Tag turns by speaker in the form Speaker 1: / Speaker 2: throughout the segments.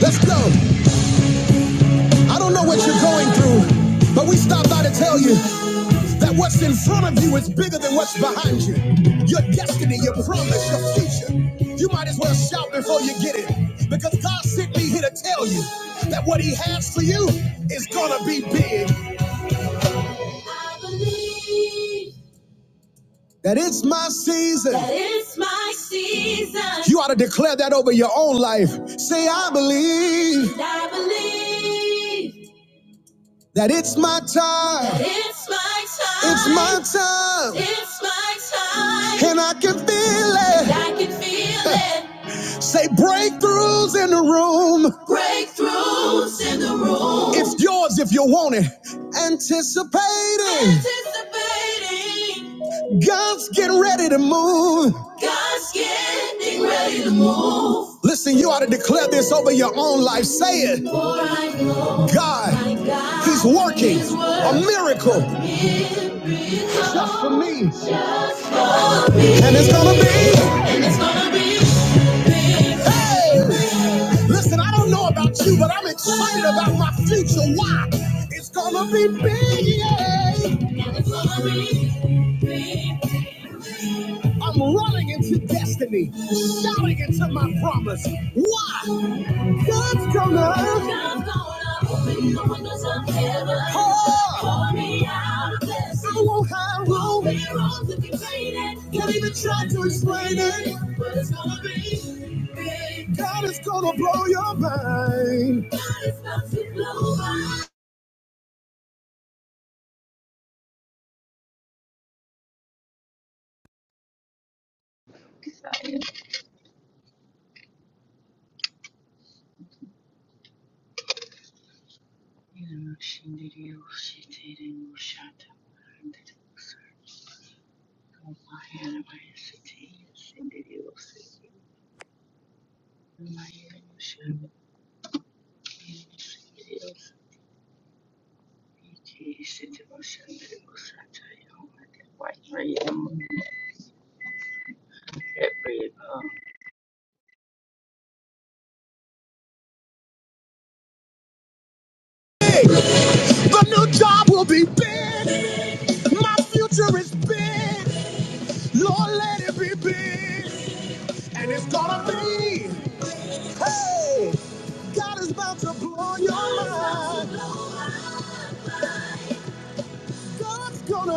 Speaker 1: Let's go. I don't know what you're going through, but we stop by to tell you that what's in front of you is bigger than what's behind you. Your destiny, your promise, your future. You might as well shout before you get it because God sent me here to tell you that what He has for you is going to be big. I believe That it's my season. That it's my season. You ought to declare that over your own life. Say, I believe. I believe that it's my time. It's my time, It's my time. It's my time. And I can feel it, And I can feel it. Say breakthroughs in the room. Breakthroughs in the room. It's yours if you want it. Anticipating. Anticipating. God's getting ready to move. God's getting ready to move. Listen, you ought to declare this over your own life. Say it. God, He's working a miracle just for me. And it's gonna be. And it's gonna be. Hey! Listen, I don't know about you, but I'm excited about my future. Why? It's gonna be big. yeah. And it's gonna be big. I'm running into destiny, shouting into my promise. Why? God's gonna. God's gonna open the windows of heaven. Oh. Pour me out a blessing. I won't hide, won't be wrong to contain it. Can't even try to explain it. But it's gonna be big. God is gonna blow your mind. God is about to blow my mind. The new job will be big. My future is big. Lord, let it be big, and it's gonna be. Hey, God is about to blow your mind. God's gonna,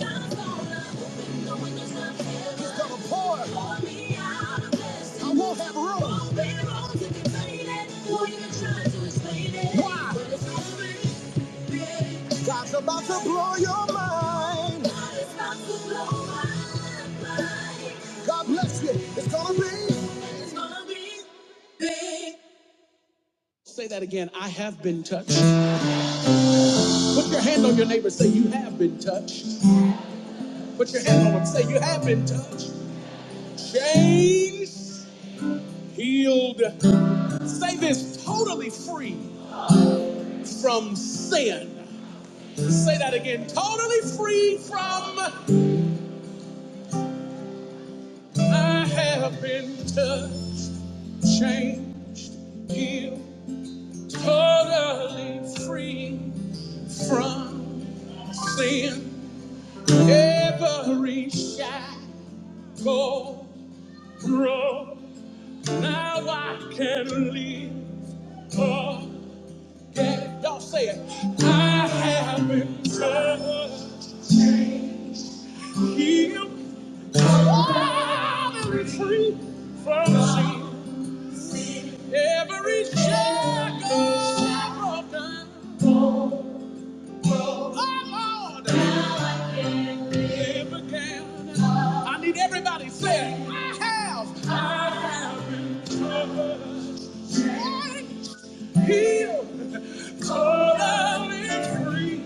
Speaker 1: God's gonna, He's gonna pour. Pour me out a blessing. I won't have room. Won't be room to contain it. Won't even try to explain it. Why? But it's coming. Yeah. God's about to blow your mind. God is about to blow my mind. God bless you. It's gonna be. It's gonna be. Say that again. I have been touched. Put your hand on your neighbor. Say, You have been touched. Put your hand on him. Say, You have been touched. James healed. Say this totally free from sin. Say that again. Totally free from. I have been touched, chained, healed. Totally free from sin. Every shackle broke. Now I can live again. Y'all say it. I have been touched. He'll probably free from sin. Every shackle, shackle down. Oh Lord, every gown. I need everybody saying, I have healed, totally free.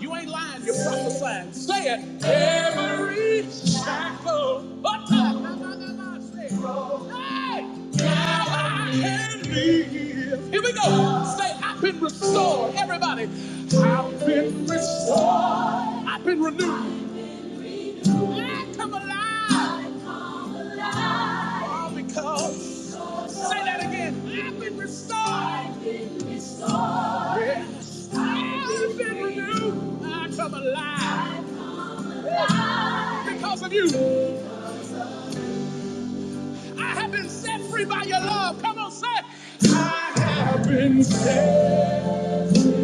Speaker 1: You ain't lying, you're prophesying. Say it. Every shackle. but the? Na, na, na, na, Say it. Hey! Now I can live. Here we go. Say, I've been restored. Everybody. I've been restored. I've been renewed. I come alive. All because. Say that again. I've been restored. Yes. I've been renewed. I come alive. Because of you. I have been set free by your love. Come on, say. it. I have been set free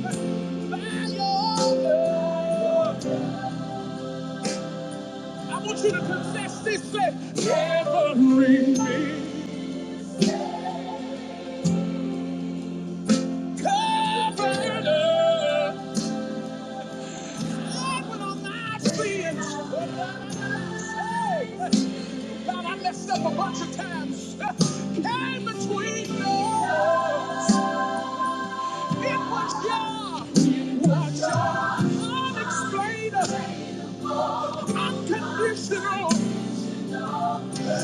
Speaker 1: by your love. I want you to confess this Say, Covering me, covering us. Lord, with all my sins. Hey, God, I messed up a bunch of times. Came between us. It was your, was your unexplainable, unconditional.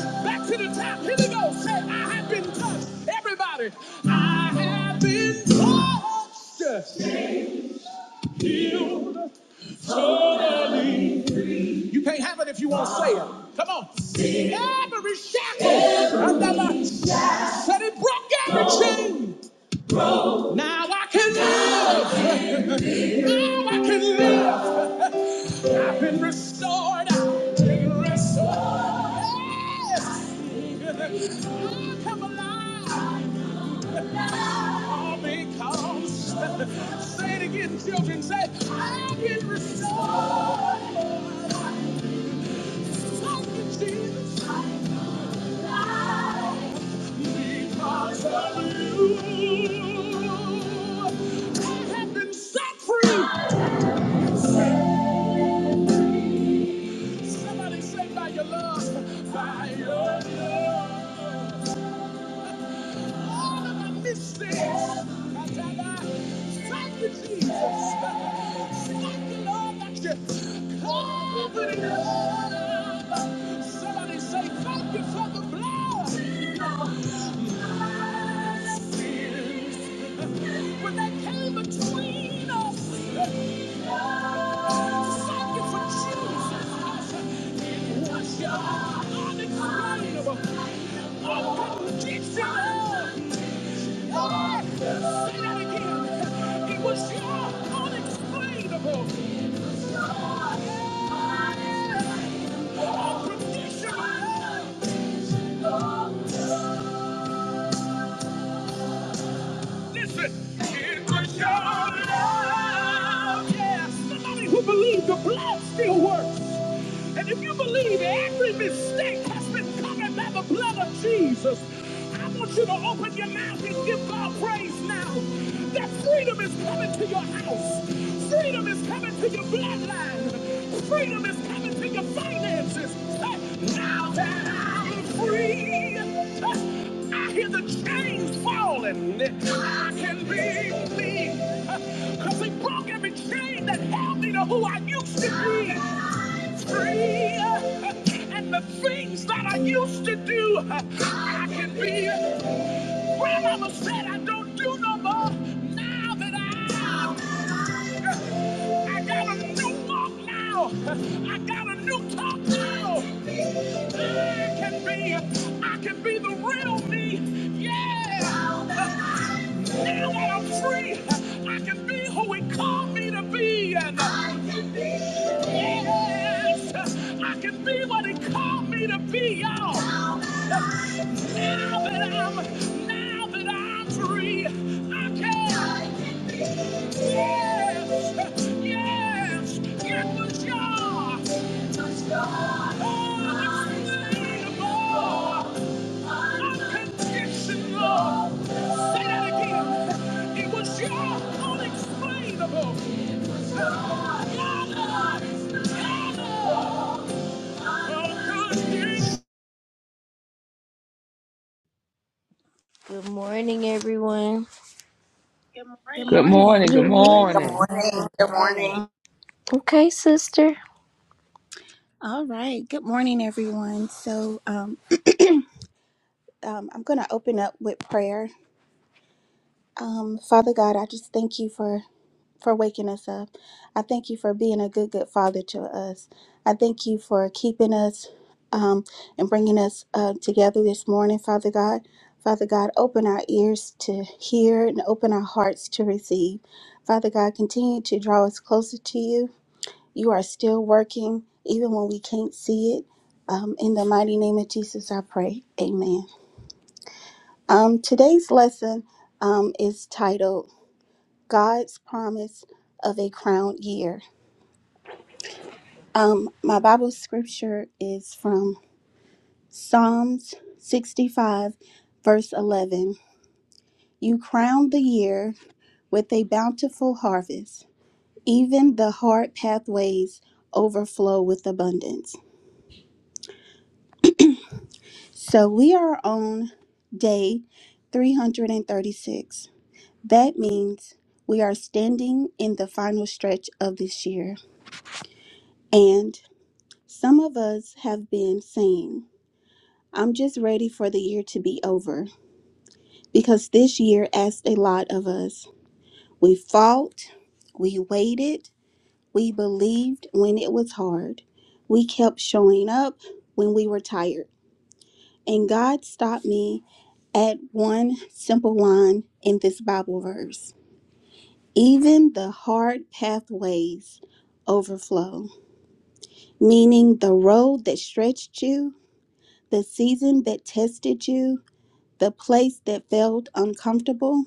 Speaker 1: Back to the top. Here we go. Say, I have been touched. Everybody, I have been touched. Healed totally. You can't have it if you won't say it. Come on. Every shackle. Every shackle. Said it broke every chain. Now I can live. Now I can live. I can live. I've been restored. I've been restored. Yes. I come alive. All because. Say it again, children. Say, I've been restored. Thank you, Jesus. Because of you. I have been set free. Somebody say by your love, by your love. All of my mistakes. Thank you, Jesus. Thank you, Lord, that you covered in love. Somebody say thank you for the blood unconditional It was your unexplainable, unconditional love. Listen, it was your love. Yes, somebody who believes the blood still works. And if you believe every mistake has been covered by the blood of Jesus, I want you to open your mouth and give God praise now. That freedom is coming to your house. Freedom is coming to your bloodline. Freedom is coming to your finances. Now that I'm free, I hear the chains falling. I can be me. Because he broke every chain that held me to who I used to be. I'm free. And the things that I used to do, I can be. Grandmama said I don't do no more. Now that I, I got a new walk now. I got a new talk now. I can be, I can be the real me. Yeah. Now that I'm free, I can be who he called me to be. And I can be. Yes, I can be what He called me to be, y'all. Now that I'm, now that I'm free, I can. Yes, yes, it was God. Unexplainable, unconditional. Say that again. It was your unexplainable. Your Good morning, everyone.
Speaker 2: Good
Speaker 3: Good
Speaker 2: morning.
Speaker 3: morning. Good
Speaker 1: Good
Speaker 4: Amen.
Speaker 1: morning.
Speaker 5: Good
Speaker 3: morning.
Speaker 5: morning. Good morning.
Speaker 1: Okay, sister.
Speaker 2: All right. Good morning, everyone. So, um, um, I'm going to open up with prayer. Um, Father God, I just thank you for for waking us up. I thank you for being a good, good father to us. I thank you for keeping us um, and bringing us uh, together this morning, Father God. Father God, open our ears to hear and open our hearts to receive. Father God, continue to draw us closer to you. You are still working, even when we can't see it. Um, in the mighty name of Jesus, I pray. Amen. Um, today's lesson um, is titled God's Promise of a Crown Year. Um, my Bible scripture is from Psalms 65, verse 11. You crown the year with a bountiful harvest, even the hard pathways overflow with abundance. So we are on day 336. That means we are standing in the final stretch of this year. And some of us have been saying, I'm just ready for the year to be over because this year asked a lot of us. We fought, we waited, we believed when it was hard, we kept showing up when we were tired. And God stopped me add one simple line in this Bible verse. Even the hard pathways overflow, meaning the road that stretched you, the season that tested you, the place that felt uncomfortable,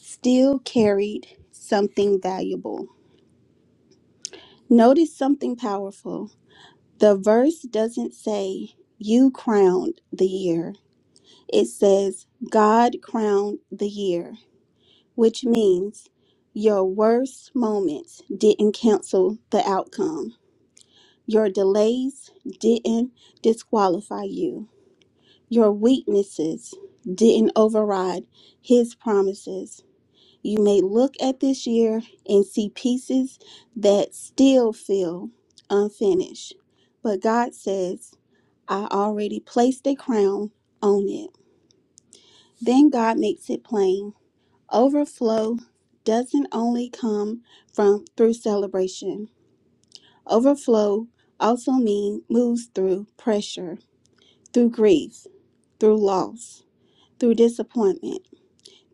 Speaker 2: still carried something valuable. Notice something powerful. The verse doesn't say, You crowned the year, it says, God crowned the year. which means your worst moments didn't cancel the outcome. Your delays didn't disqualify you. Your weaknesses didn't override his promises. You may look at this year and see pieces that still feel unfinished, but God says, I already placed a crown on it. Then God makes it plain Overflow doesn't only come from through celebration. Overflow also means moves through pressure, through grief, through loss, through disappointment,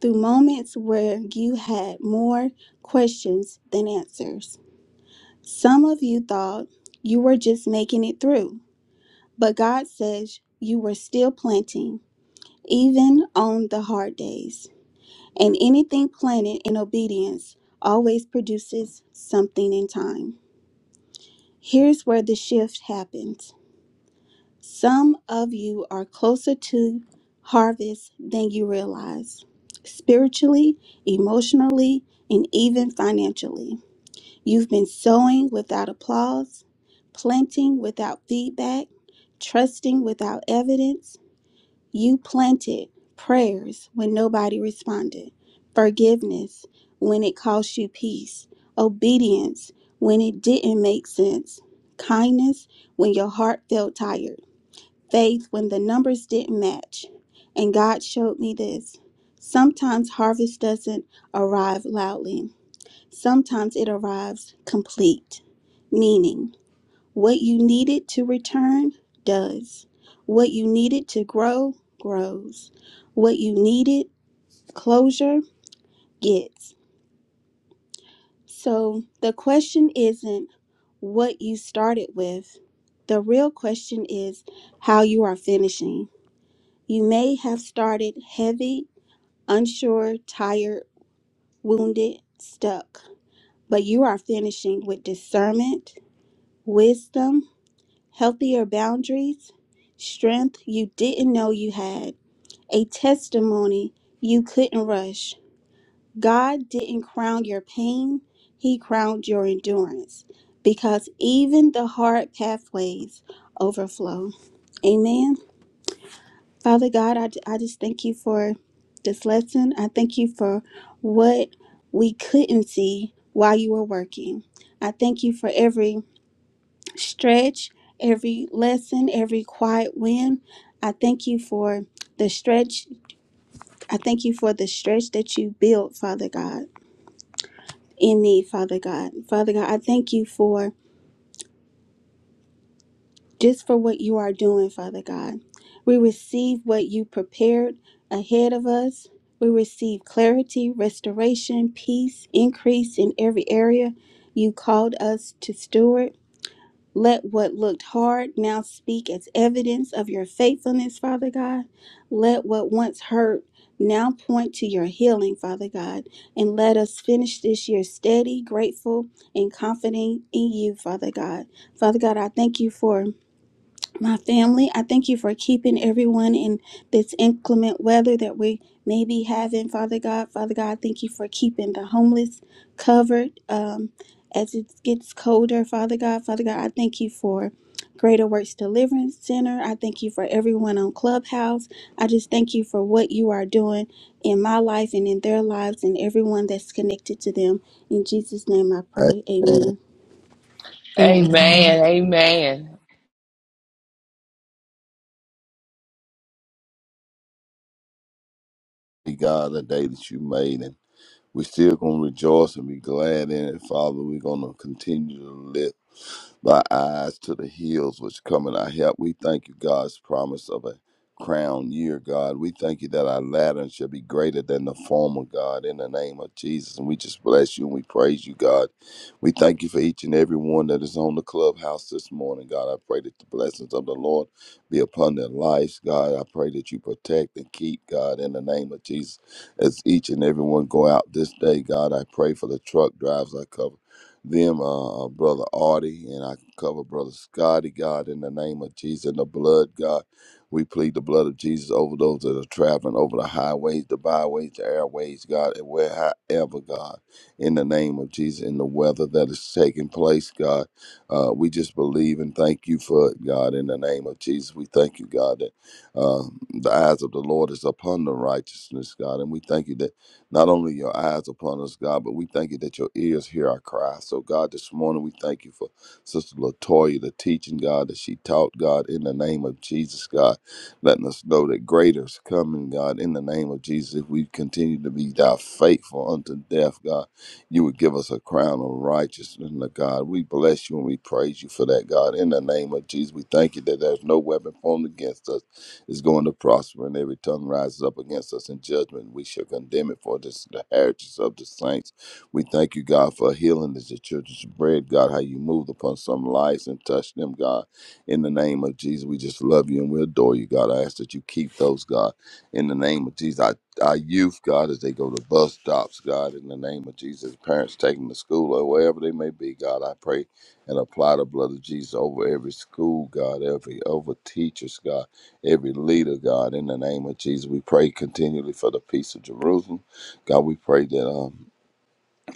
Speaker 2: through moments where you had more questions than answers. Some of you thought you were just making it through, but God says you were still planting, even on the hard days. And anything planted in obedience always produces something in time. Here's where the shift happens. Some of you are closer to harvest than you realize, spiritually, emotionally, and even financially. You've been sowing without applause, planting without feedback, trusting without evidence, you planted prayers when nobody responded, forgiveness when it cost you peace, obedience when it didn't make sense, kindness when your heart felt tired, faith when the numbers didn't match. And God showed me this. Sometimes harvest doesn't arrive loudly, sometimes it arrives complete, meaning what you needed to return does. What you needed to grow grows. What you needed closure gets. So the question isn't what you started with. The real question is how you are finishing. You may have started heavy, unsure, tired, wounded, stuck, but you are finishing with discernment, wisdom, healthier boundaries, strength you didn't know you had, a testimony you couldn't rush. God didn't crown your pain, He crowned your endurance because even the hard pathways overflow. Amen. Father God, I, I just thank you for this lesson. I thank you for what we couldn't see while you were working. I thank you for every stretch, every lesson, every quiet win. I thank you for the stretch. I thank you for the stretch that you built, Father God, in me, Father God. Father God, I thank you for just for what you are doing, Father God. We receive what you prepared ahead of us. We receive clarity, restoration, peace, increase in every area you called us to steward. Let what looked hard now speak as evidence of your faithfulness, Father God. Let what once hurt now point to your healing, Father God. And let us finish this year steady, grateful, and confident in you, Father God. Father God, I thank you for. My family, I thank you for keeping everyone in this inclement weather that we may be having, Father God. Father God, thank you for keeping the homeless covered um, as it gets colder, Father God. Father God, I thank you for Greater Works Deliverance Center. I thank you for everyone on Clubhouse. I just thank you for what you are doing in my life and in their lives and everyone that's connected to them. In Jesus' name I pray.
Speaker 4: Amen.
Speaker 2: Amen.
Speaker 5: Amen.
Speaker 1: Amen.
Speaker 3: Amen. Amen.
Speaker 4: Be God, the day that you made, and we still gonna rejoice and be glad in it, Father. We're gonna continue to lift thy eyes to the hills which come in our help. We thank you, God's promise of a crown year, God. We thank you that our latter shall be greater than the former, God, in the name of Jesus. And we just bless you and we praise you, God. We thank you for each and every one that is on the clubhouse this morning, God. I pray that the blessings of the Lord be upon their lives, God. I pray that you protect and keep, God, in the name of Jesus as each and every one go out this day. God, I pray for the truck drivers. I cover them, uh, uh, Brother Artie, and I cover Brother Scotty, God, in the name of Jesus and the blood, God. We plead the blood of Jesus over those that are traveling over the highways, the byways, the airways, God, and wherever, God, in the name of Jesus, in the weather that is taking place, God. Uh, we just believe and thank you for it, God, in the name of Jesus. We thank you, God, that uh, the eyes of the Lord is upon the righteousness, God. And we thank you that not only your eyes upon us, God, but we thank you that your ears hear our cry. So, God, this morning we thank you for Sister Latoya, the teaching, God, that she taught, God, in the name of Jesus, God, letting us know that greater is coming, God, in the name of Jesus. If we continue to be thou faithful unto death, God, you would give us a crown of righteousness, God. We bless you and we praise you for that, God, in the name of Jesus. We thank you that there's no weapon formed against us is going to prosper, and every tongue rises up against us in judgment. We shall condemn it for this is the heritage of the saints. We thank you, God, for healing is the children's bread. God, how you moved upon some lives and touched them, God. In the name of Jesus, we just love you and we adore you, God. I ask that you keep those, God. In the name of Jesus, our, our youth, God, as they go to bus stops, God. In the name of Jesus, parents taking to school or wherever they may be, God, I pray and apply the blood of Jesus over every school, God, every over teachers, God every leader, God, in the name of Jesus. We pray continually for the peace of Jerusalem. God, we pray that. Um,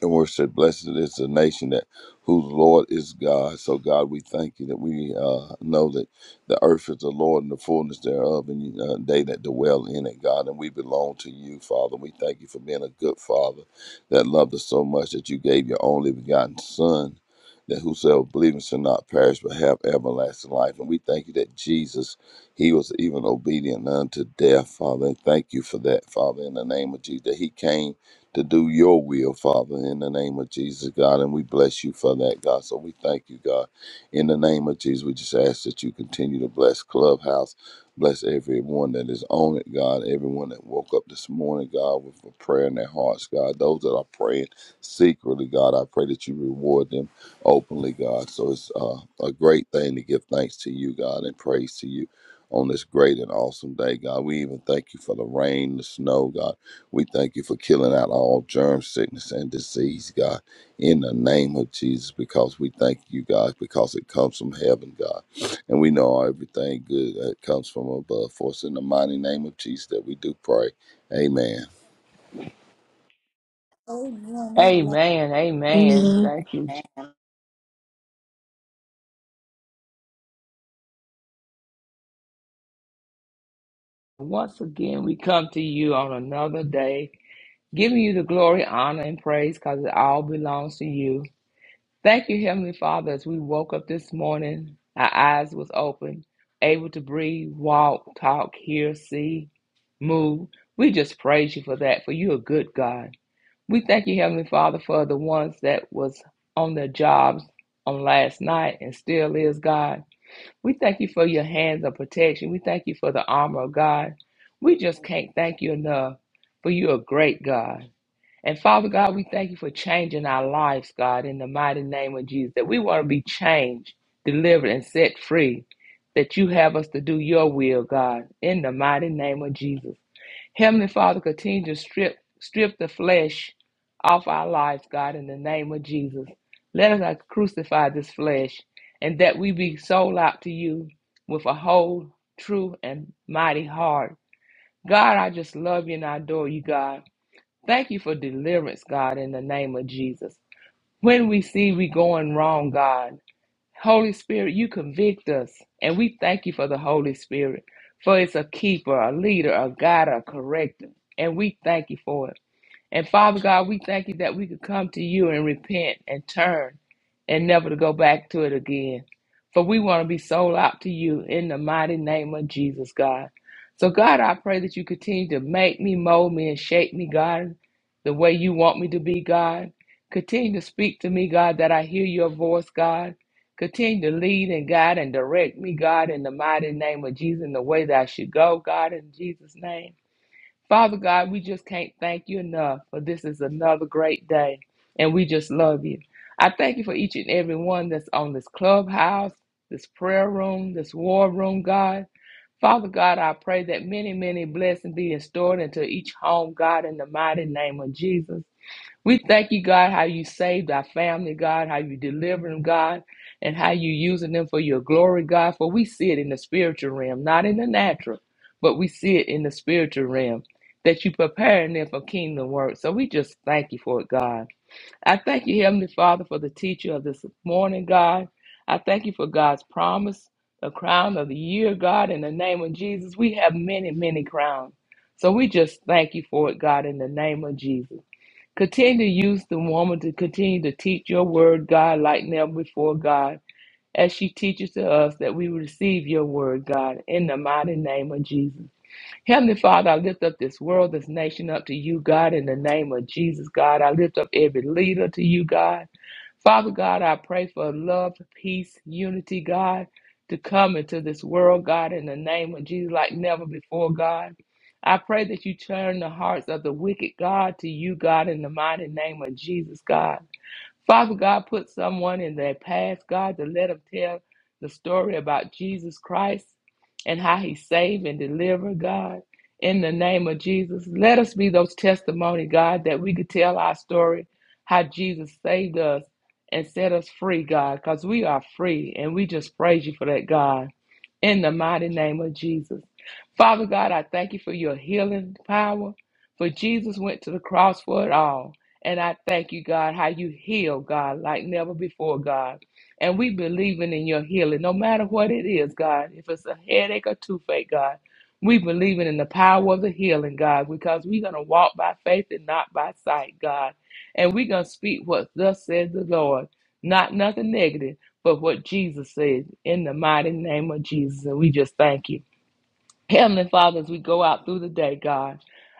Speaker 4: and we said, Blessed is the nation that whose Lord is God. So God, we thank you that we uh, know that the earth is the Lord and the fullness thereof, and uh, they that dwell in it, God. And we belong to you, Father. We thank you for being a good Father that loved us so much that you gave your only begotten Son. That whosoever believes shall not perish but have everlasting life. And we thank you that Jesus, he was even obedient unto death, Father. And thank you for that, Father, in the name of Jesus, that he came to do your will, Father, in the name of Jesus, God. And we bless you for that, God. So we thank you, God. In the name of Jesus, we just ask that you continue to bless Clubhouse, bless everyone that is on it, God. Everyone that woke up this morning, God, with a prayer in their hearts, God. Those that are praying secretly, God, I pray that you reward them openly, God. So it's uh, a great thing to give thanks to you, God, and praise to you. On this great and awesome day, God. We even thank you for the rain, the snow, God. We thank you for killing out all germ, sickness, and disease, God, in the name of Jesus, because we thank you, God, because it comes from heaven, God. And we know everything good that comes from above. For us in the mighty name of Jesus that we do pray. Amen.
Speaker 2: Amen.
Speaker 3: Amen. Amen.
Speaker 1: Amen.
Speaker 3: Thank you. Jesus. Once again, we come to you on another day, giving you the glory, honor, and praise because it all belongs to you. Thank you, Heavenly Father, as we woke up this morning, our eyes was open, able to breathe, walk, talk, hear, see, move. We just praise you for that, for you a good God. We thank you, Heavenly Father, for the ones that was on their jobs on last night and still is, God. We thank you for your hands of protection. We thank you for the armor of God. We just can't thank you enough for you are great God. And Father God, we thank you for changing our lives, God, in the mighty name of Jesus, that we want to be changed, delivered, and set free, that you have us to do your will, God, in the mighty name of Jesus. Heavenly Father, continue to strip strip the flesh off our lives, God, in the name of Jesus. Let us not crucify this flesh, and that we be sold out to you with a whole, true, and mighty heart. God, I just love you and I adore you, God. Thank you for deliverance, God, in the name of Jesus. When we see we going wrong, God. Holy Spirit, you convict us. And we thank you for the Holy Spirit, for it's a keeper, a leader, a guide, a corrector. And we thank you for it. And Father God, we thank you that we could come to you and repent and turn and never to go back to it again. For we want to be sold out to you in the mighty name of Jesus, God. So, God, I pray that you continue to make me, mold me, and shape me, God, the way you want me to be, God. Continue to speak to me, God, that I hear your voice, God. Continue to lead and guide and direct me, God, in the mighty name of Jesus, in the way that I should go, God, in Jesus' name. Father God, we just can't thank you enough for this is another great day, and we just love you. I thank you for each and every one that's on this clubhouse, this prayer room, this war room, God. Father God, I pray that many, many blessings be restored into each home, God, in the mighty name of Jesus. We thank you, God, how you saved our family, God, how you delivered them, God, and how you using them for your glory, God. For we see it in the spiritual realm, not in the natural, but we see it in the spiritual realm that you preparing them for kingdom work. So we just thank you for it, God. I thank you, Heavenly Father, for the teacher of this morning, God. I thank you for God's promise, the crown of the year, God, in the name of Jesus. We have many, many crowns. So we just thank you for it, God, in the name of Jesus. Continue to use the woman to continue to teach your word, God, like never before, God, as she teaches to us that we receive your word, God, in the mighty name of Jesus. Heavenly Father, I lift up this world, this nation up to you, God, in the name of Jesus, God. I lift up every leader to you, God. Father God, I pray for love, peace, unity, God, to come into this world, God, in the name of Jesus, like never before, God. I pray that you turn the hearts of the wicked, God, to you, God, in the mighty name of Jesus, God. Father God, put someone in their past, God, to let them tell the story about Jesus Christ and how he saved and delivered, God. In the name of Jesus, let us be those testimony, God, that we could tell our story, how Jesus saved us and set us free, God, because we are free and we just praise you for that, God in the mighty name of Jesus. Father God, I thank you for your healing power, for Jesus went to the cross for it all. And I thank you, God, how you heal, God, like never before, God. And we believing in your healing, no matter what it is, God. If it's a headache or toothache, God, we believing in the power of the healing, God, because we're going to walk by faith and not by sight, God. And we're going to speak what thus says the Lord, not nothing negative but what Jesus said in the mighty name of Jesus. And we just thank you. Heavenly Father, as we go out through the day, God,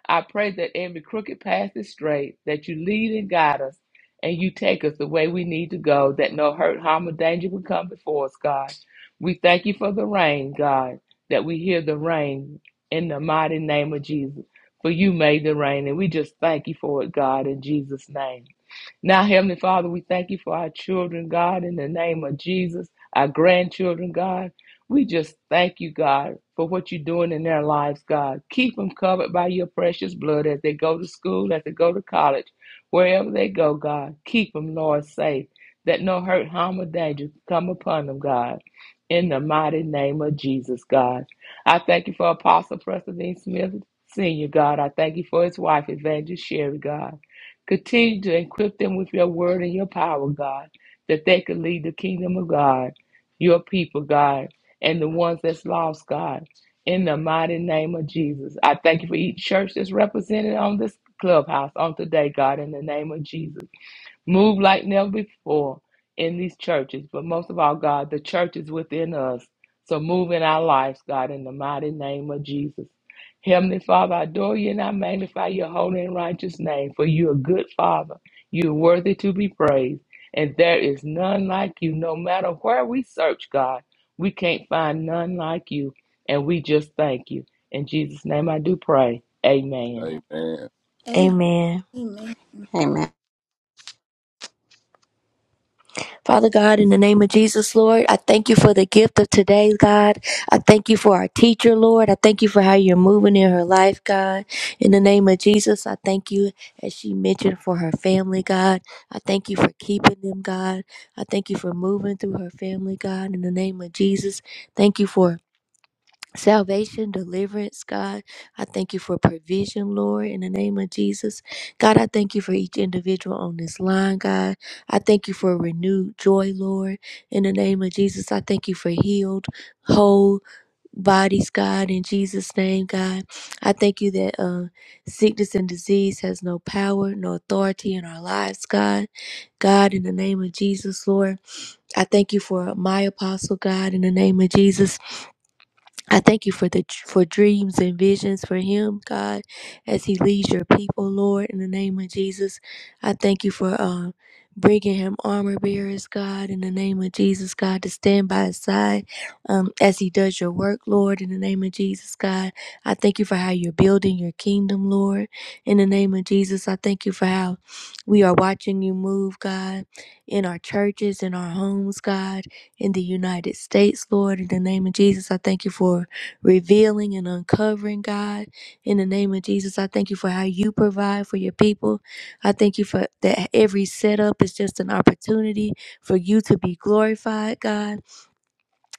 Speaker 3: I pray that every crooked path is straight, that you lead and guide us, and you take us the way we need to go, that no hurt, harm, or danger will come before us, God. We thank you for the rain, God, that we hear the rain in the mighty name of Jesus. For you made the rain, and we just thank you for it, God, in Jesus' name. Now, Heavenly Father, we thank you for our children, God, in the name of Jesus, our grandchildren, God. We just thank you, God, for what you're doing in their lives, God. Keep them covered by your precious blood as they go to school, as they go to college, wherever they go, God. Keep them, Lord, safe, that no hurt, harm, or danger come upon them, God. In the mighty name of Jesus, God. I thank you for Apostle Preston Dean Smith, Sr., God. I thank you for his wife, Evangelist Sherry, God. Continue to equip them with your word and your power, God, that they could lead the kingdom of God, your people, God and the ones that's lost, God. In the mighty name of Jesus. I thank you for each church that's represented on this clubhouse on today, God, in the name of Jesus. Move like never before in these churches, but most of all, God, the church is within us. So move in our lives, God, in the mighty name of Jesus. Heavenly Father, I adore you and I magnify your holy and righteous name, for you are good Father. You are worthy to be praised, and there is none like you. No matter where we search, God, we can't find none like you, and we just thank you. In Jesus' name I do pray. Amen.
Speaker 4: Amen.
Speaker 1: Amen.
Speaker 2: Amen.
Speaker 5: Amen. Amen.
Speaker 1: Father God, in the name of Jesus, Lord, I thank you for the gift of today, God. I thank you for our teacher, Lord. I thank you for how you're moving in her life, God. In the name of Jesus, I thank you, as she mentioned, for her family, God. I thank you for keeping them, God. I thank you for moving through her family, God. In the name of Jesus, thank you for salvation, deliverance, God. I thank you for provision, Lord, in the name of Jesus. God, I thank you for each individual on this line, God. I thank you for renewed joy, Lord, in the name of Jesus. I thank you for healed, whole bodies, God, in Jesus' name, God. I thank you that uh, sickness and disease has no power, no authority in our lives, God. God, in the name of Jesus, Lord. I thank you for my apostle, God, in the name of Jesus. I thank you for the for dreams and visions for him, God, as he leads your people, Lord, in the name of Jesus. I thank you for uh, bringing him armor bearers, God, in the name of Jesus, God, to stand by his side um, as he does your work, Lord, in the name of Jesus, God. I thank you for how you're building your kingdom, Lord, in the name of Jesus. I thank you for how we are watching you move, God, in our churches, in our homes, God in the United States, Lord. In the name of Jesus, I thank you for revealing and uncovering, God. In the name of Jesus, I thank you for how you provide for your people. I thank you for that every setup is just an opportunity for you to be glorified, God.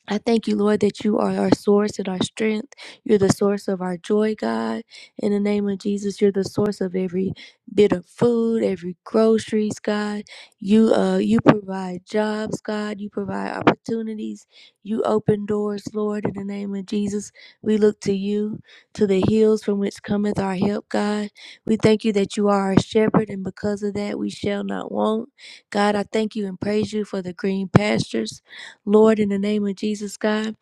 Speaker 1: I thank you, Lord, that you are our source and our strength. You're the source of our joy, God. In the name of Jesus, you're the source of every bit of food, every groceries, God. You uh you provide jobs, God. You provide opportunities. You open doors, Lord, in the name of Jesus. We look to you, to the hills from which cometh our help, God. We thank you that you are our shepherd, and because of that we shall not want. God, I thank you and praise you for the green pastures. Lord, in the name of Jesus, God,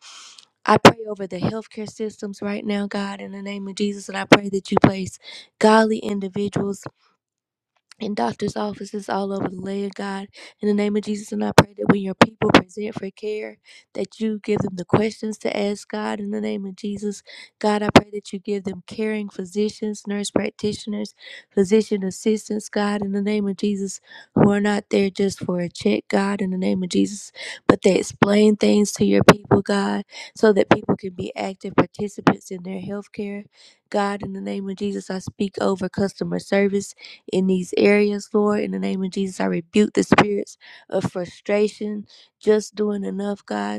Speaker 1: I pray over the healthcare systems right now, God, in the name of Jesus, and I pray that you place godly individuals in doctor's offices all over the land, God. In the name of Jesus, and I pray that when your people present for care, that you give them the questions to ask, God. In the name of Jesus, God, I pray that you give them caring physicians, nurse practitioners, physician assistants, God. In the name of Jesus, who are not there just for a check, God. In the name of Jesus, but they explain things to your people, God, so that people can be active participants in their health care. God, in the name of Jesus, I speak over customer service in these areas, Lord. In the name of Jesus, I rebuke the spirits of frustration, just doing enough, God.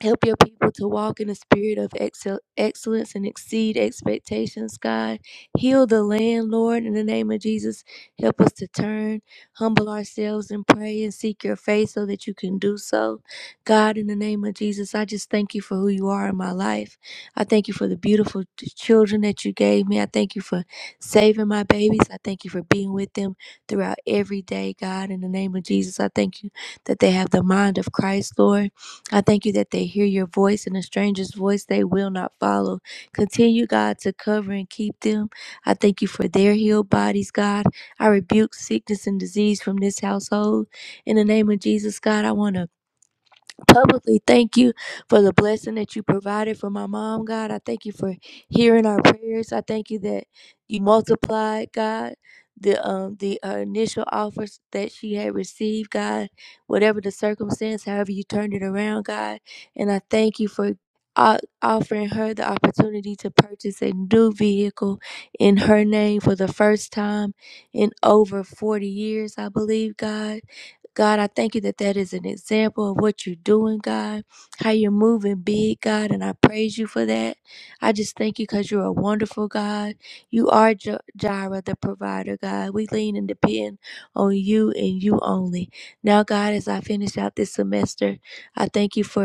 Speaker 1: Help your people to walk in a spirit of excel- excellence and exceed expectations, God. Heal the land, Lord, in the name of Jesus. Help us to turn, humble ourselves, and pray and seek your face so that you can do so. God, in the name of Jesus, I just thank you for who you are in my life. I thank you for the beautiful t- children that you gave me. I thank you for saving my babies. I thank you for being with them throughout every day, God. In the name of Jesus, I thank you that they have the mind of Christ, Lord. I thank you that they hear your voice and a stranger's voice they will not follow. Continue, God, to cover and keep them. I thank you for their healed bodies, God. I rebuke sickness and disease from this household. In the name of Jesus, God, I want to publicly thank you for the blessing that you provided for my mom, God. I thank you for hearing our prayers. I thank you that you multiplied, God. The um the uh, initial offers that she had received, God, whatever the circumstance, however you turned it around, God, and I thank you for o- offering her the opportunity to purchase a new vehicle in her name for the first time in over forty years, I believe, God God, I thank you that that is an example of what you're doing, God, how you're moving big, God, and I praise you for that. I just thank you because you're a wonderful God. You are J- Jireh, the provider, God. We lean and depend on you and you only. Now, God, as I finish out this semester, I thank you for.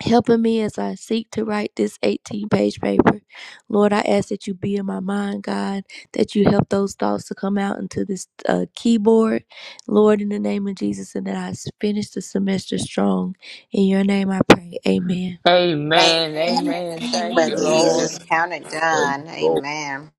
Speaker 1: Helping me as I seek to write this 18 page paper. Lord, I ask that you be in my mind, God, that you help those thoughts to come out into this uh, keyboard, Lord, in the name of Jesus, and that I finish the semester strong. In your name I pray. Amen.
Speaker 3: Amen.
Speaker 2: Amen.
Speaker 5: In
Speaker 3: Amen.
Speaker 5: the name
Speaker 3: Thank you,
Speaker 2: Amen.
Speaker 5: of
Speaker 4: Amen.
Speaker 5: Jesus,
Speaker 3: Lord.
Speaker 5: count it
Speaker 4: Praise the
Speaker 5: done.
Speaker 4: Lord.
Speaker 5: Amen.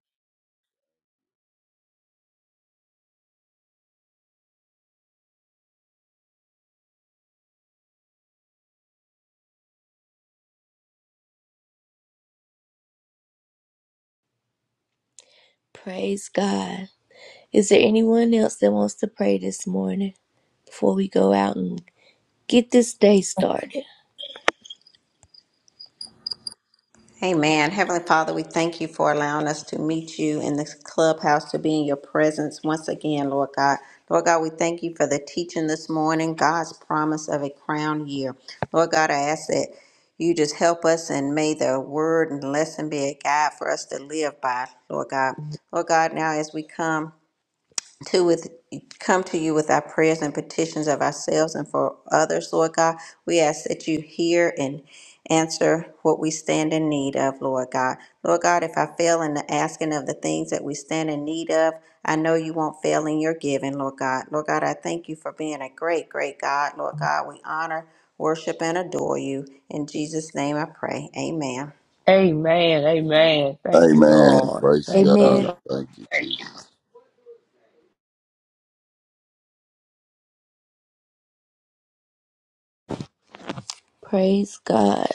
Speaker 1: Praise God. Is there anyone else that wants to pray this morning before we go out and get this day started?
Speaker 5: Amen. Heavenly Father, we thank you for allowing us to meet you in this clubhouse to be in your presence once again, Lord God. Lord God, we thank you for the teaching this morning, God's promise of a crown year. Lord God, I ask that you just help us and may the word and lesson be a guide for us to live by, Lord God. Lord God, now as we come to with come to you with our prayers and petitions of ourselves and for others, Lord God. We ask that you hear and answer what we stand in need of, Lord God. Lord God, if I fail in the asking of the things that we stand in need of, I know you won't fail in your giving, Lord God. Lord God, I thank you for being a great, great God. Lord God, we honor, worship, and adore you. In Jesus' name I pray. Amen.
Speaker 3: Amen. Amen. Thank you,
Speaker 4: Amen.
Speaker 3: Lord.
Speaker 4: Praise
Speaker 3: Thank you,
Speaker 4: God.
Speaker 1: Amen.
Speaker 3: Lord.
Speaker 4: Thank you.
Speaker 1: Praise God.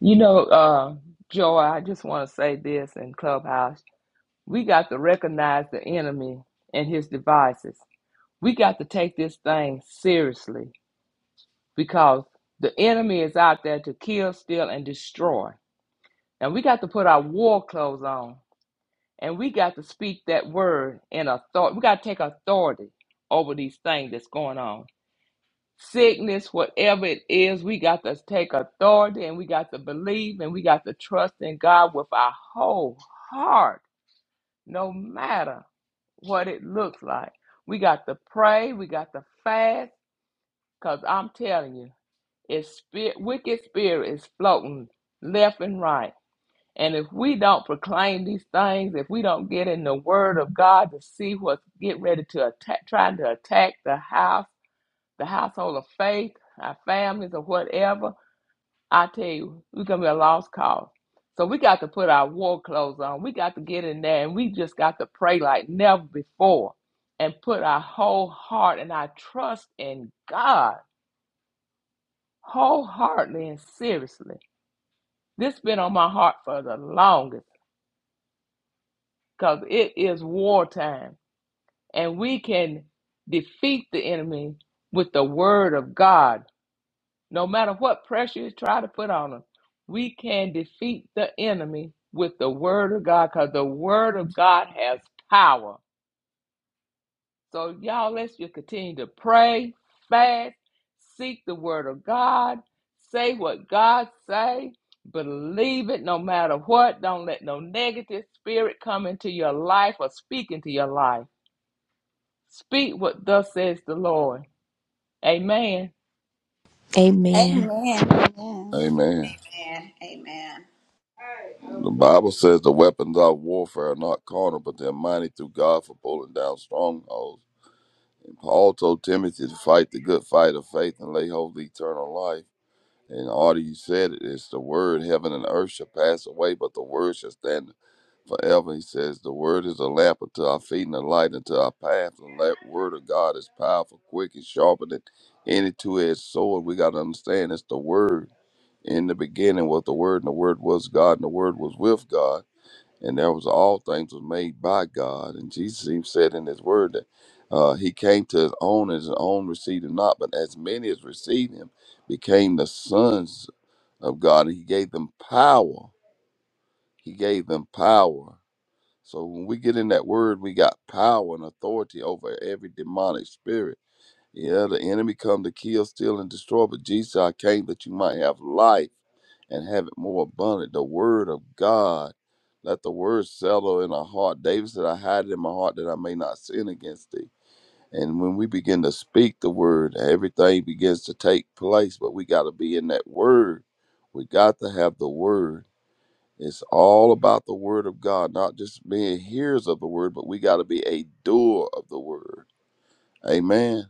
Speaker 3: You know, uh, Joy, I just want to say this in Clubhouse. We got to recognize the enemy and his devices. We got to take this thing seriously because the enemy is out there to kill, steal, and destroy. And we got to put our war clothes on and we got to speak that word in authority. We got to take authority over these things that's going on. sickness, whatever it is, we got to take authority and we got to believe and we got to trust in God with our whole heart, no matter what it looks like. We got to pray, we got to fast, because I'm telling you, it's spirit, wicked spirit is floating left and right. And if we don't proclaim these things, if we don't get in the word of God to see what's get ready to attack, trying to attack the house, the household of faith, our families, or whatever, I tell you, we're going to be a lost cause. So we got to put our war clothes on. We got to get in there and we just got to pray like never before and put our whole heart and our trust in God wholeheartedly and seriously. This been on my heart for the longest because it is wartime and we can defeat the enemy with the word of God No matter what pressure you try to put on them, we can defeat the enemy with the word of God because the word of God has power. So, y'all, let's just continue to pray, fast, seek the word of God, say what God say, believe it no matter what. Don't let no negative spirit come into your life or speak into your life. Speak what thus says the Lord. Amen.
Speaker 1: Amen.
Speaker 2: Amen.
Speaker 4: Amen.
Speaker 5: Amen. Amen.
Speaker 4: The Bible says the weapons of warfare are not carnal, but they're mighty through God for pulling down strongholds And Paul told Timothy to fight the good fight of faith and lay hold of eternal life. And already you said it's the word, heaven and earth shall pass away, but the word shall stand forever. He says, The word is a lamp unto our feet and a light unto our path. And that word of God is powerful, quick, and sharper than any two edged sword. We got to understand it's the word. In the beginning was the word, and the word was God, and the word was with God and there was all things was made by God. And Jesus even said in his word that uh, he came to his own, and his own received him not, but as many as received him became the sons of God, and he gave them power. He gave them power. So when we get in that word, we got power and authority over every demonic spirit yeah, the enemy come to kill, steal, and destroy, but Jesus, I came that you might have life and have it more abundant. The word of God. Let the word settle in our heart. David said, I hide it in my heart that I may not sin against thee. And when we begin to speak the word, everything begins to take place, but we got to be in that word. We got to have the word. It's all about the word of God, not just being hearers of the word, but we got to be a doer of the word. Amen.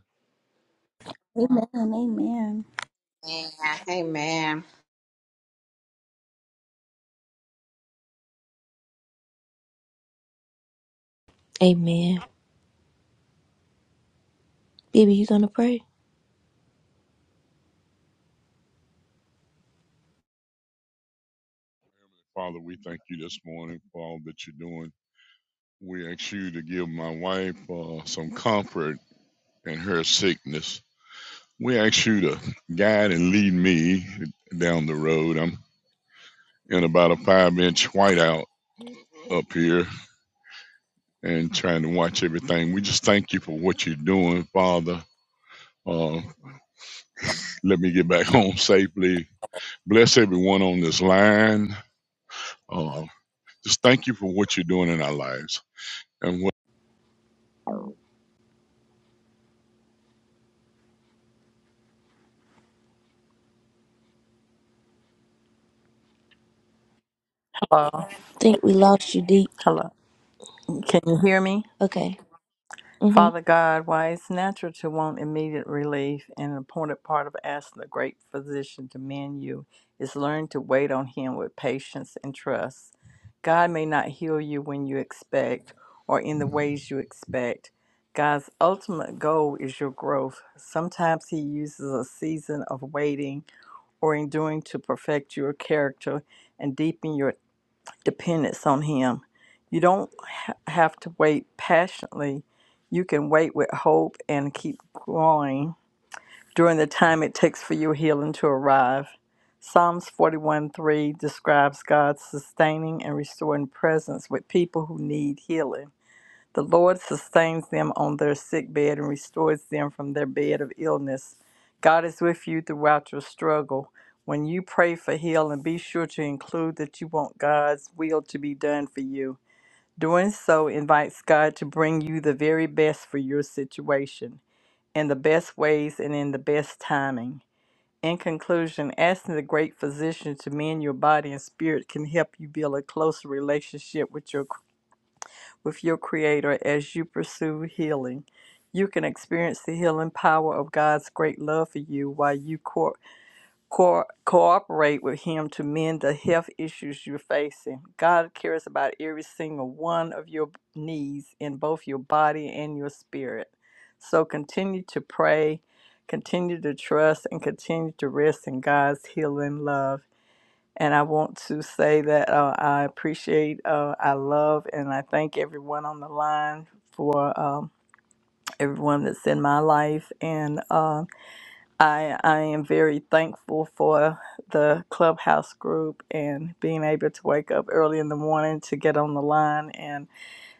Speaker 2: Amen. Amen. Amen.
Speaker 5: Amen. Amen.
Speaker 1: Amen. Baby, you gonna pray?
Speaker 6: Father, we thank you this morning for all that you're doing. We ask you to give my wife uh, some comfort in her sickness. We ask you to guide and lead me down the road. I'm in about a five inch whiteout up here and trying to watch everything. We just thank you for what you're doing, Father. Uh, let me get back home safely. Bless everyone on this line. Uh, just thank you for what you're doing in our lives. and
Speaker 7: Hello.
Speaker 1: think we lost you deep.
Speaker 7: Hello. Can you hear me?
Speaker 1: Okay. Mm-hmm.
Speaker 7: Father God, why it's natural to want immediate relief and an important part of asking the great physician to mend you is learn to wait on him with patience and trust. God may not heal you when you expect or in the ways you expect. God's ultimate goal is your growth. Sometimes he uses a season of waiting or enduring to perfect your character and deepen your dependence on Him. You don't ha- have to wait patiently. You can wait with hope and keep growing during the time it takes for your healing to arrive. Psalms 41:3 describes God's sustaining and restoring presence with people who need healing. The Lord sustains them on their sick bed and restores them from their bed of illness. God is with you throughout your struggle. When you pray for healing, be sure to include that you want God's will to be done for you. Doing so invites God to bring you the very best for your situation, in the best ways and in the best timing. In conclusion, asking the great physician to mend your body and spirit can help you build a closer relationship with your with your Creator as you pursue healing. You can experience the healing power of God's great love for you while you co- co- cooperate with Him to mend the health issues you're facing. God cares about every single one of your needs in both your body and your spirit. So continue to pray, continue to trust, and continue to rest in God's healing love. And I want to say that uh, I appreciate, uh, I love, and I thank everyone on the line for um, everyone that's in my life. And uh, I, I am very thankful for the clubhouse group and being able to wake up early in the morning to get on the line. And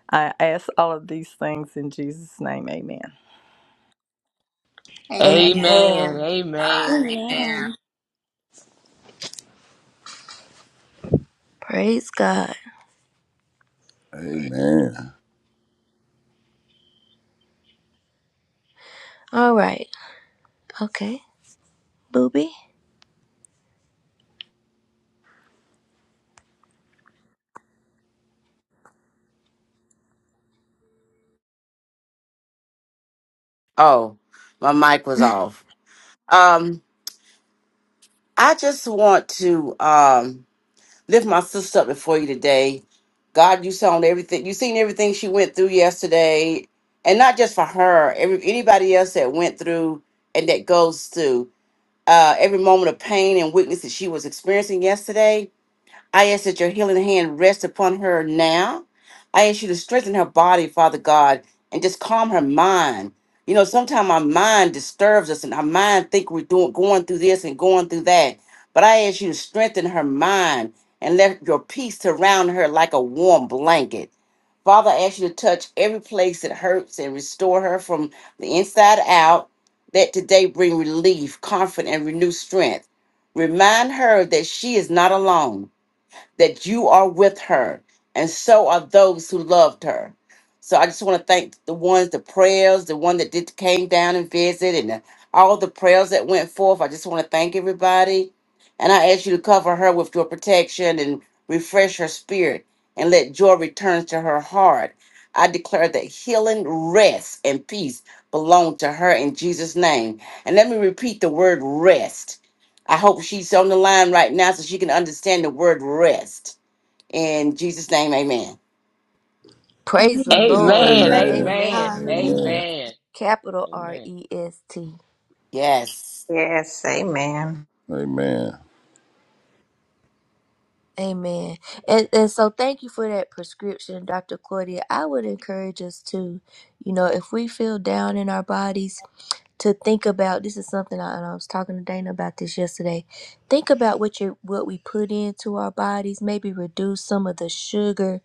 Speaker 7: I ask all of these things in Jesus' name. Amen.
Speaker 5: Amen.
Speaker 3: Amen.
Speaker 1: Amen.
Speaker 3: Amen.
Speaker 5: God. Amen.
Speaker 2: Amen.
Speaker 1: Praise God.
Speaker 4: Amen.
Speaker 1: All right. Okay. Booby.
Speaker 8: Oh, my mic was off. Um, I just want to um lift my sister up before you today. God, you saw everything. You seen everything she went through yesterday, and not just for her. Every anybody else that went through and that goes through uh, every moment of pain and weakness that she was experiencing yesterday. I ask that your healing hand rest upon her now. I ask you to strengthen her body, Father God, and just calm her mind. You know, sometimes our mind disturbs us and our mind think we're doing going through this and going through that. But I ask you to strengthen her mind and let your peace surround her like a warm blanket. Father, I ask you to touch every place that hurts and restore her from the inside out. That today bring relief, comfort, and renewed strength. Remind her that she is not alone that you are with her, and so are those who loved her. So I just want to thank the ones, the prayers, the one that did came down and visit, and the, all the prayers that went forth. I just want to thank everybody, and I ask you to cover her with your protection and refresh her spirit, and let joy return to her heart. I declare that healing, rest, and peace belong to her in Jesus' name. And let me repeat the word rest I hope she's on the line right now so she can understand the word rest. In Jesus' name, amen.
Speaker 1: Praise the
Speaker 2: Amen.
Speaker 1: Lord.
Speaker 3: Amen.
Speaker 2: Praise
Speaker 4: Amen.
Speaker 3: Amen.
Speaker 2: God.
Speaker 1: Amen.
Speaker 2: Amen.
Speaker 4: Amen.
Speaker 3: Amen.
Speaker 1: Capital R
Speaker 3: Amen.
Speaker 1: E S T.
Speaker 8: Yes.
Speaker 5: Yes, amen.
Speaker 4: Amen.
Speaker 1: Amen. And, and so thank you for that prescription, Dr. Claudia. I would encourage us to, you know, if we feel down in our bodies, to think about this is something I, and I was talking to Dana about this yesterday. Think about what you what we put into our bodies, maybe reduce some of the sugar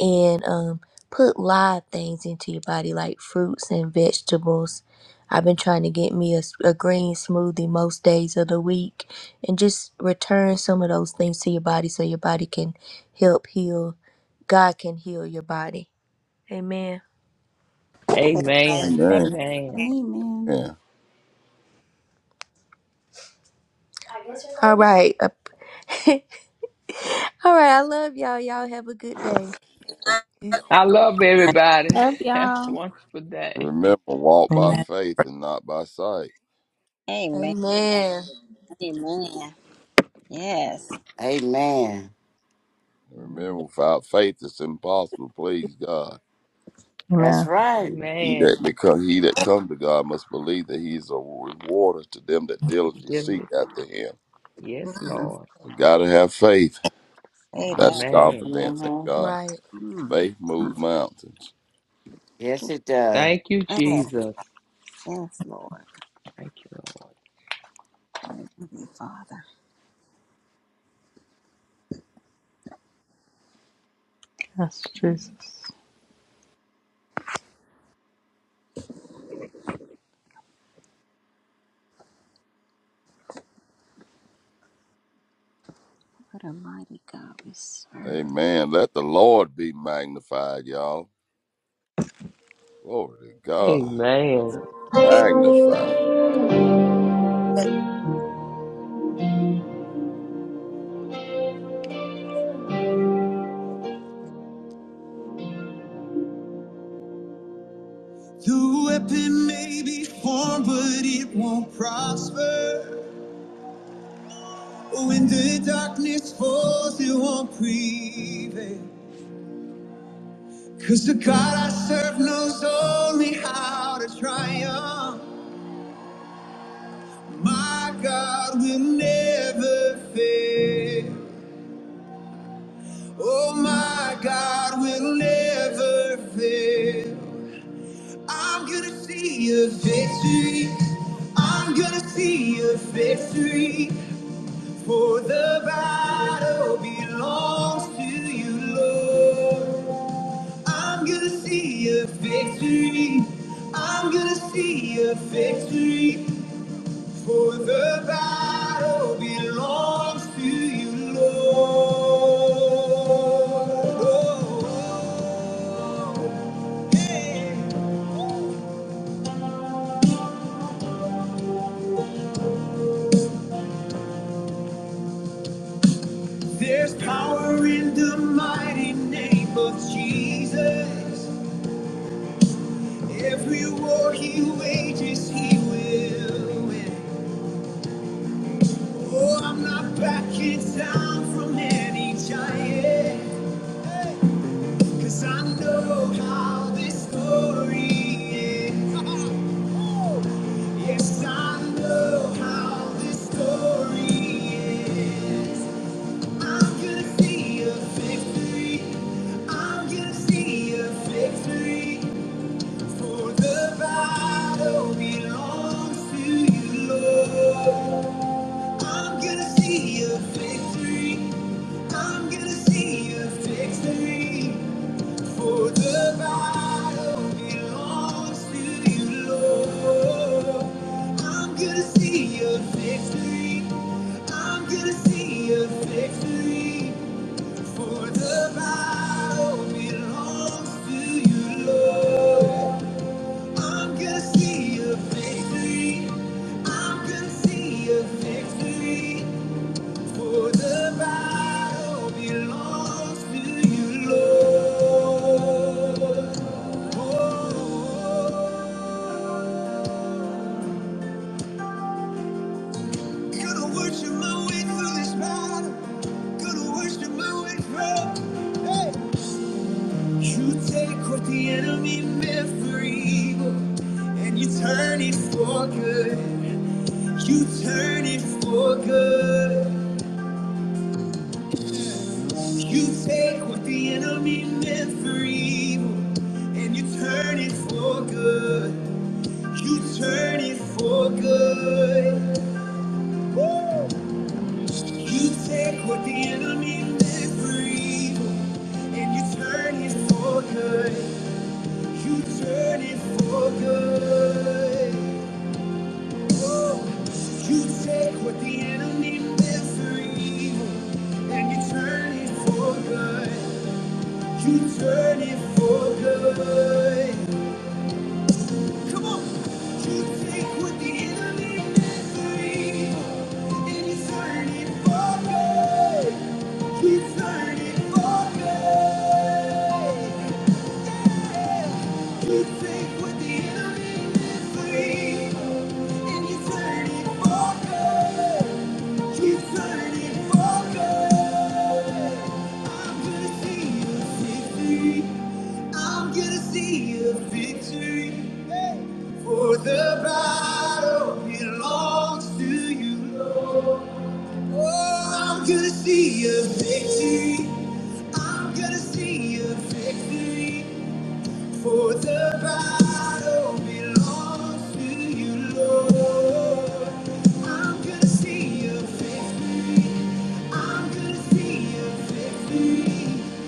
Speaker 1: and um put live things into your body like fruits and vegetables I've been trying to get me a a green smoothie most days of the week and just return some of those things to your body so your body can help heal. God can heal your body. Amen.
Speaker 3: Amen.
Speaker 4: Amen.
Speaker 3: Amen.
Speaker 2: Amen.
Speaker 4: Yeah.
Speaker 1: All right. All right. I love y'all. Y'all have a good day.
Speaker 3: I love everybody.
Speaker 2: Love
Speaker 3: Have a
Speaker 2: y'all.
Speaker 3: wonderful day.
Speaker 4: Remember, walk by
Speaker 7: Amen.
Speaker 4: faith and not by sight.
Speaker 5: Amen.
Speaker 1: Amen.
Speaker 5: Amen. Yes.
Speaker 8: Amen.
Speaker 3: Mm.
Speaker 4: Remember, without faith, it's impossible. to Please God.
Speaker 8: That's
Speaker 7: Amen.
Speaker 8: right.
Speaker 4: He
Speaker 3: Amen.
Speaker 4: that become he that come to God must believe that He is a rewarder to them that diligently seek
Speaker 3: Diligence.
Speaker 4: after Him.
Speaker 3: Yes,
Speaker 5: Mm.
Speaker 3: Lord.
Speaker 4: You gotta have faith.
Speaker 5: Say
Speaker 4: That's
Speaker 5: that.
Speaker 3: Amen.
Speaker 4: confidence in
Speaker 8: hmm
Speaker 4: God.
Speaker 1: Right.
Speaker 5: Mm.
Speaker 4: Faith moves mountains.
Speaker 8: Yes, it does.
Speaker 3: Thank you,
Speaker 5: Yes,
Speaker 3: Jesus.
Speaker 5: yes, Lord.
Speaker 3: Thank you, Lord.
Speaker 5: Thank you, Father.
Speaker 7: That's Jesus.
Speaker 5: What a mighty God we serve.
Speaker 4: Amen. Let the Lord be magnified, y'all. Glory to God. Let
Speaker 3: Amen.
Speaker 4: him Magnify.
Speaker 1: The weapon may be formed, but it won't prosper. When the darkness falls, it won't prevail. Cause the God I serve knows only how to triumph. My God will never fail. Oh, my God will never fail. I'm gonna see a victory. I'm gonna see a victory. For the battle belongs to you, Lord. I'm gonna see a victory. I'm gonna see a victory. For the battle belongs to you, Lord. Oh, yeah. There's power in the mighty name of Jesus. Every war he wages, he will win. Oh, I'm not backing down from any giant. Cause I know how this story ends. Yes, I know how this story ends. I'm gonna see a victory. I'm gonna see a victory. For the battle belongs to you, Lord. I'm gonna see a victory. I'm gonna see a victory. For the battle belongs to you, Lord. I'm gonna see your victory. I'm gonna see your victory. For the battle belongs to you, Lord. I'm gonna see your victory. I'm gonna see your victory. For the battle belongs to you, Lord. Gonna worship my way through this battle. Gonna worship my way through. Hey. You take what the enemy meant for evil, and you turn it for good. You turn it for good. You take what the enemy meant for evil, and you turn it for good. You turn it for good. Woo! You take what the enemy meant for evil and you turn it for good. You turn it for good. Whoa. You take what the enemy meant for evil and you turn it for good. You turn it for good. Come on. You take what the enemy meant for and you turn it for good. You turn it for good. You take what the enemy meant for and you turn it for good. Keep turning forward. I'm gonna see a victory. I'm gonna see a victory. Hey. For the battle belongs to you. Oh, I'm gonna see a victory. I'm gonna see a victory. For the battle belongs to you, Lord. I'm gonna see your victory. I'm gonna see your victory.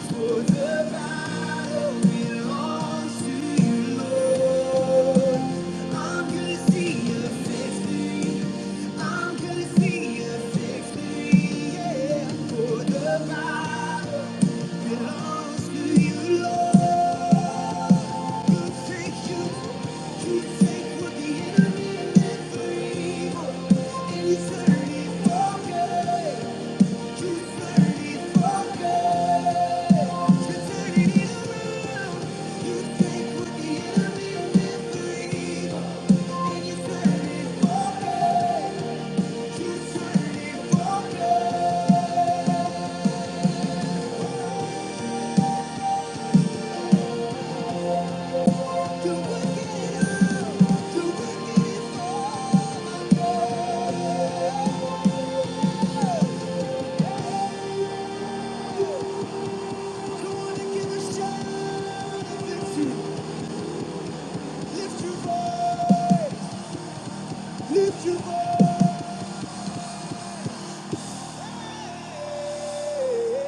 Speaker 1: For the battle belongs to you, Lord. I'm gonna see your victory. I'm gonna see your victory. Yeah. For the battle belongs to you, Lord. Lift your voice! Lift your voice!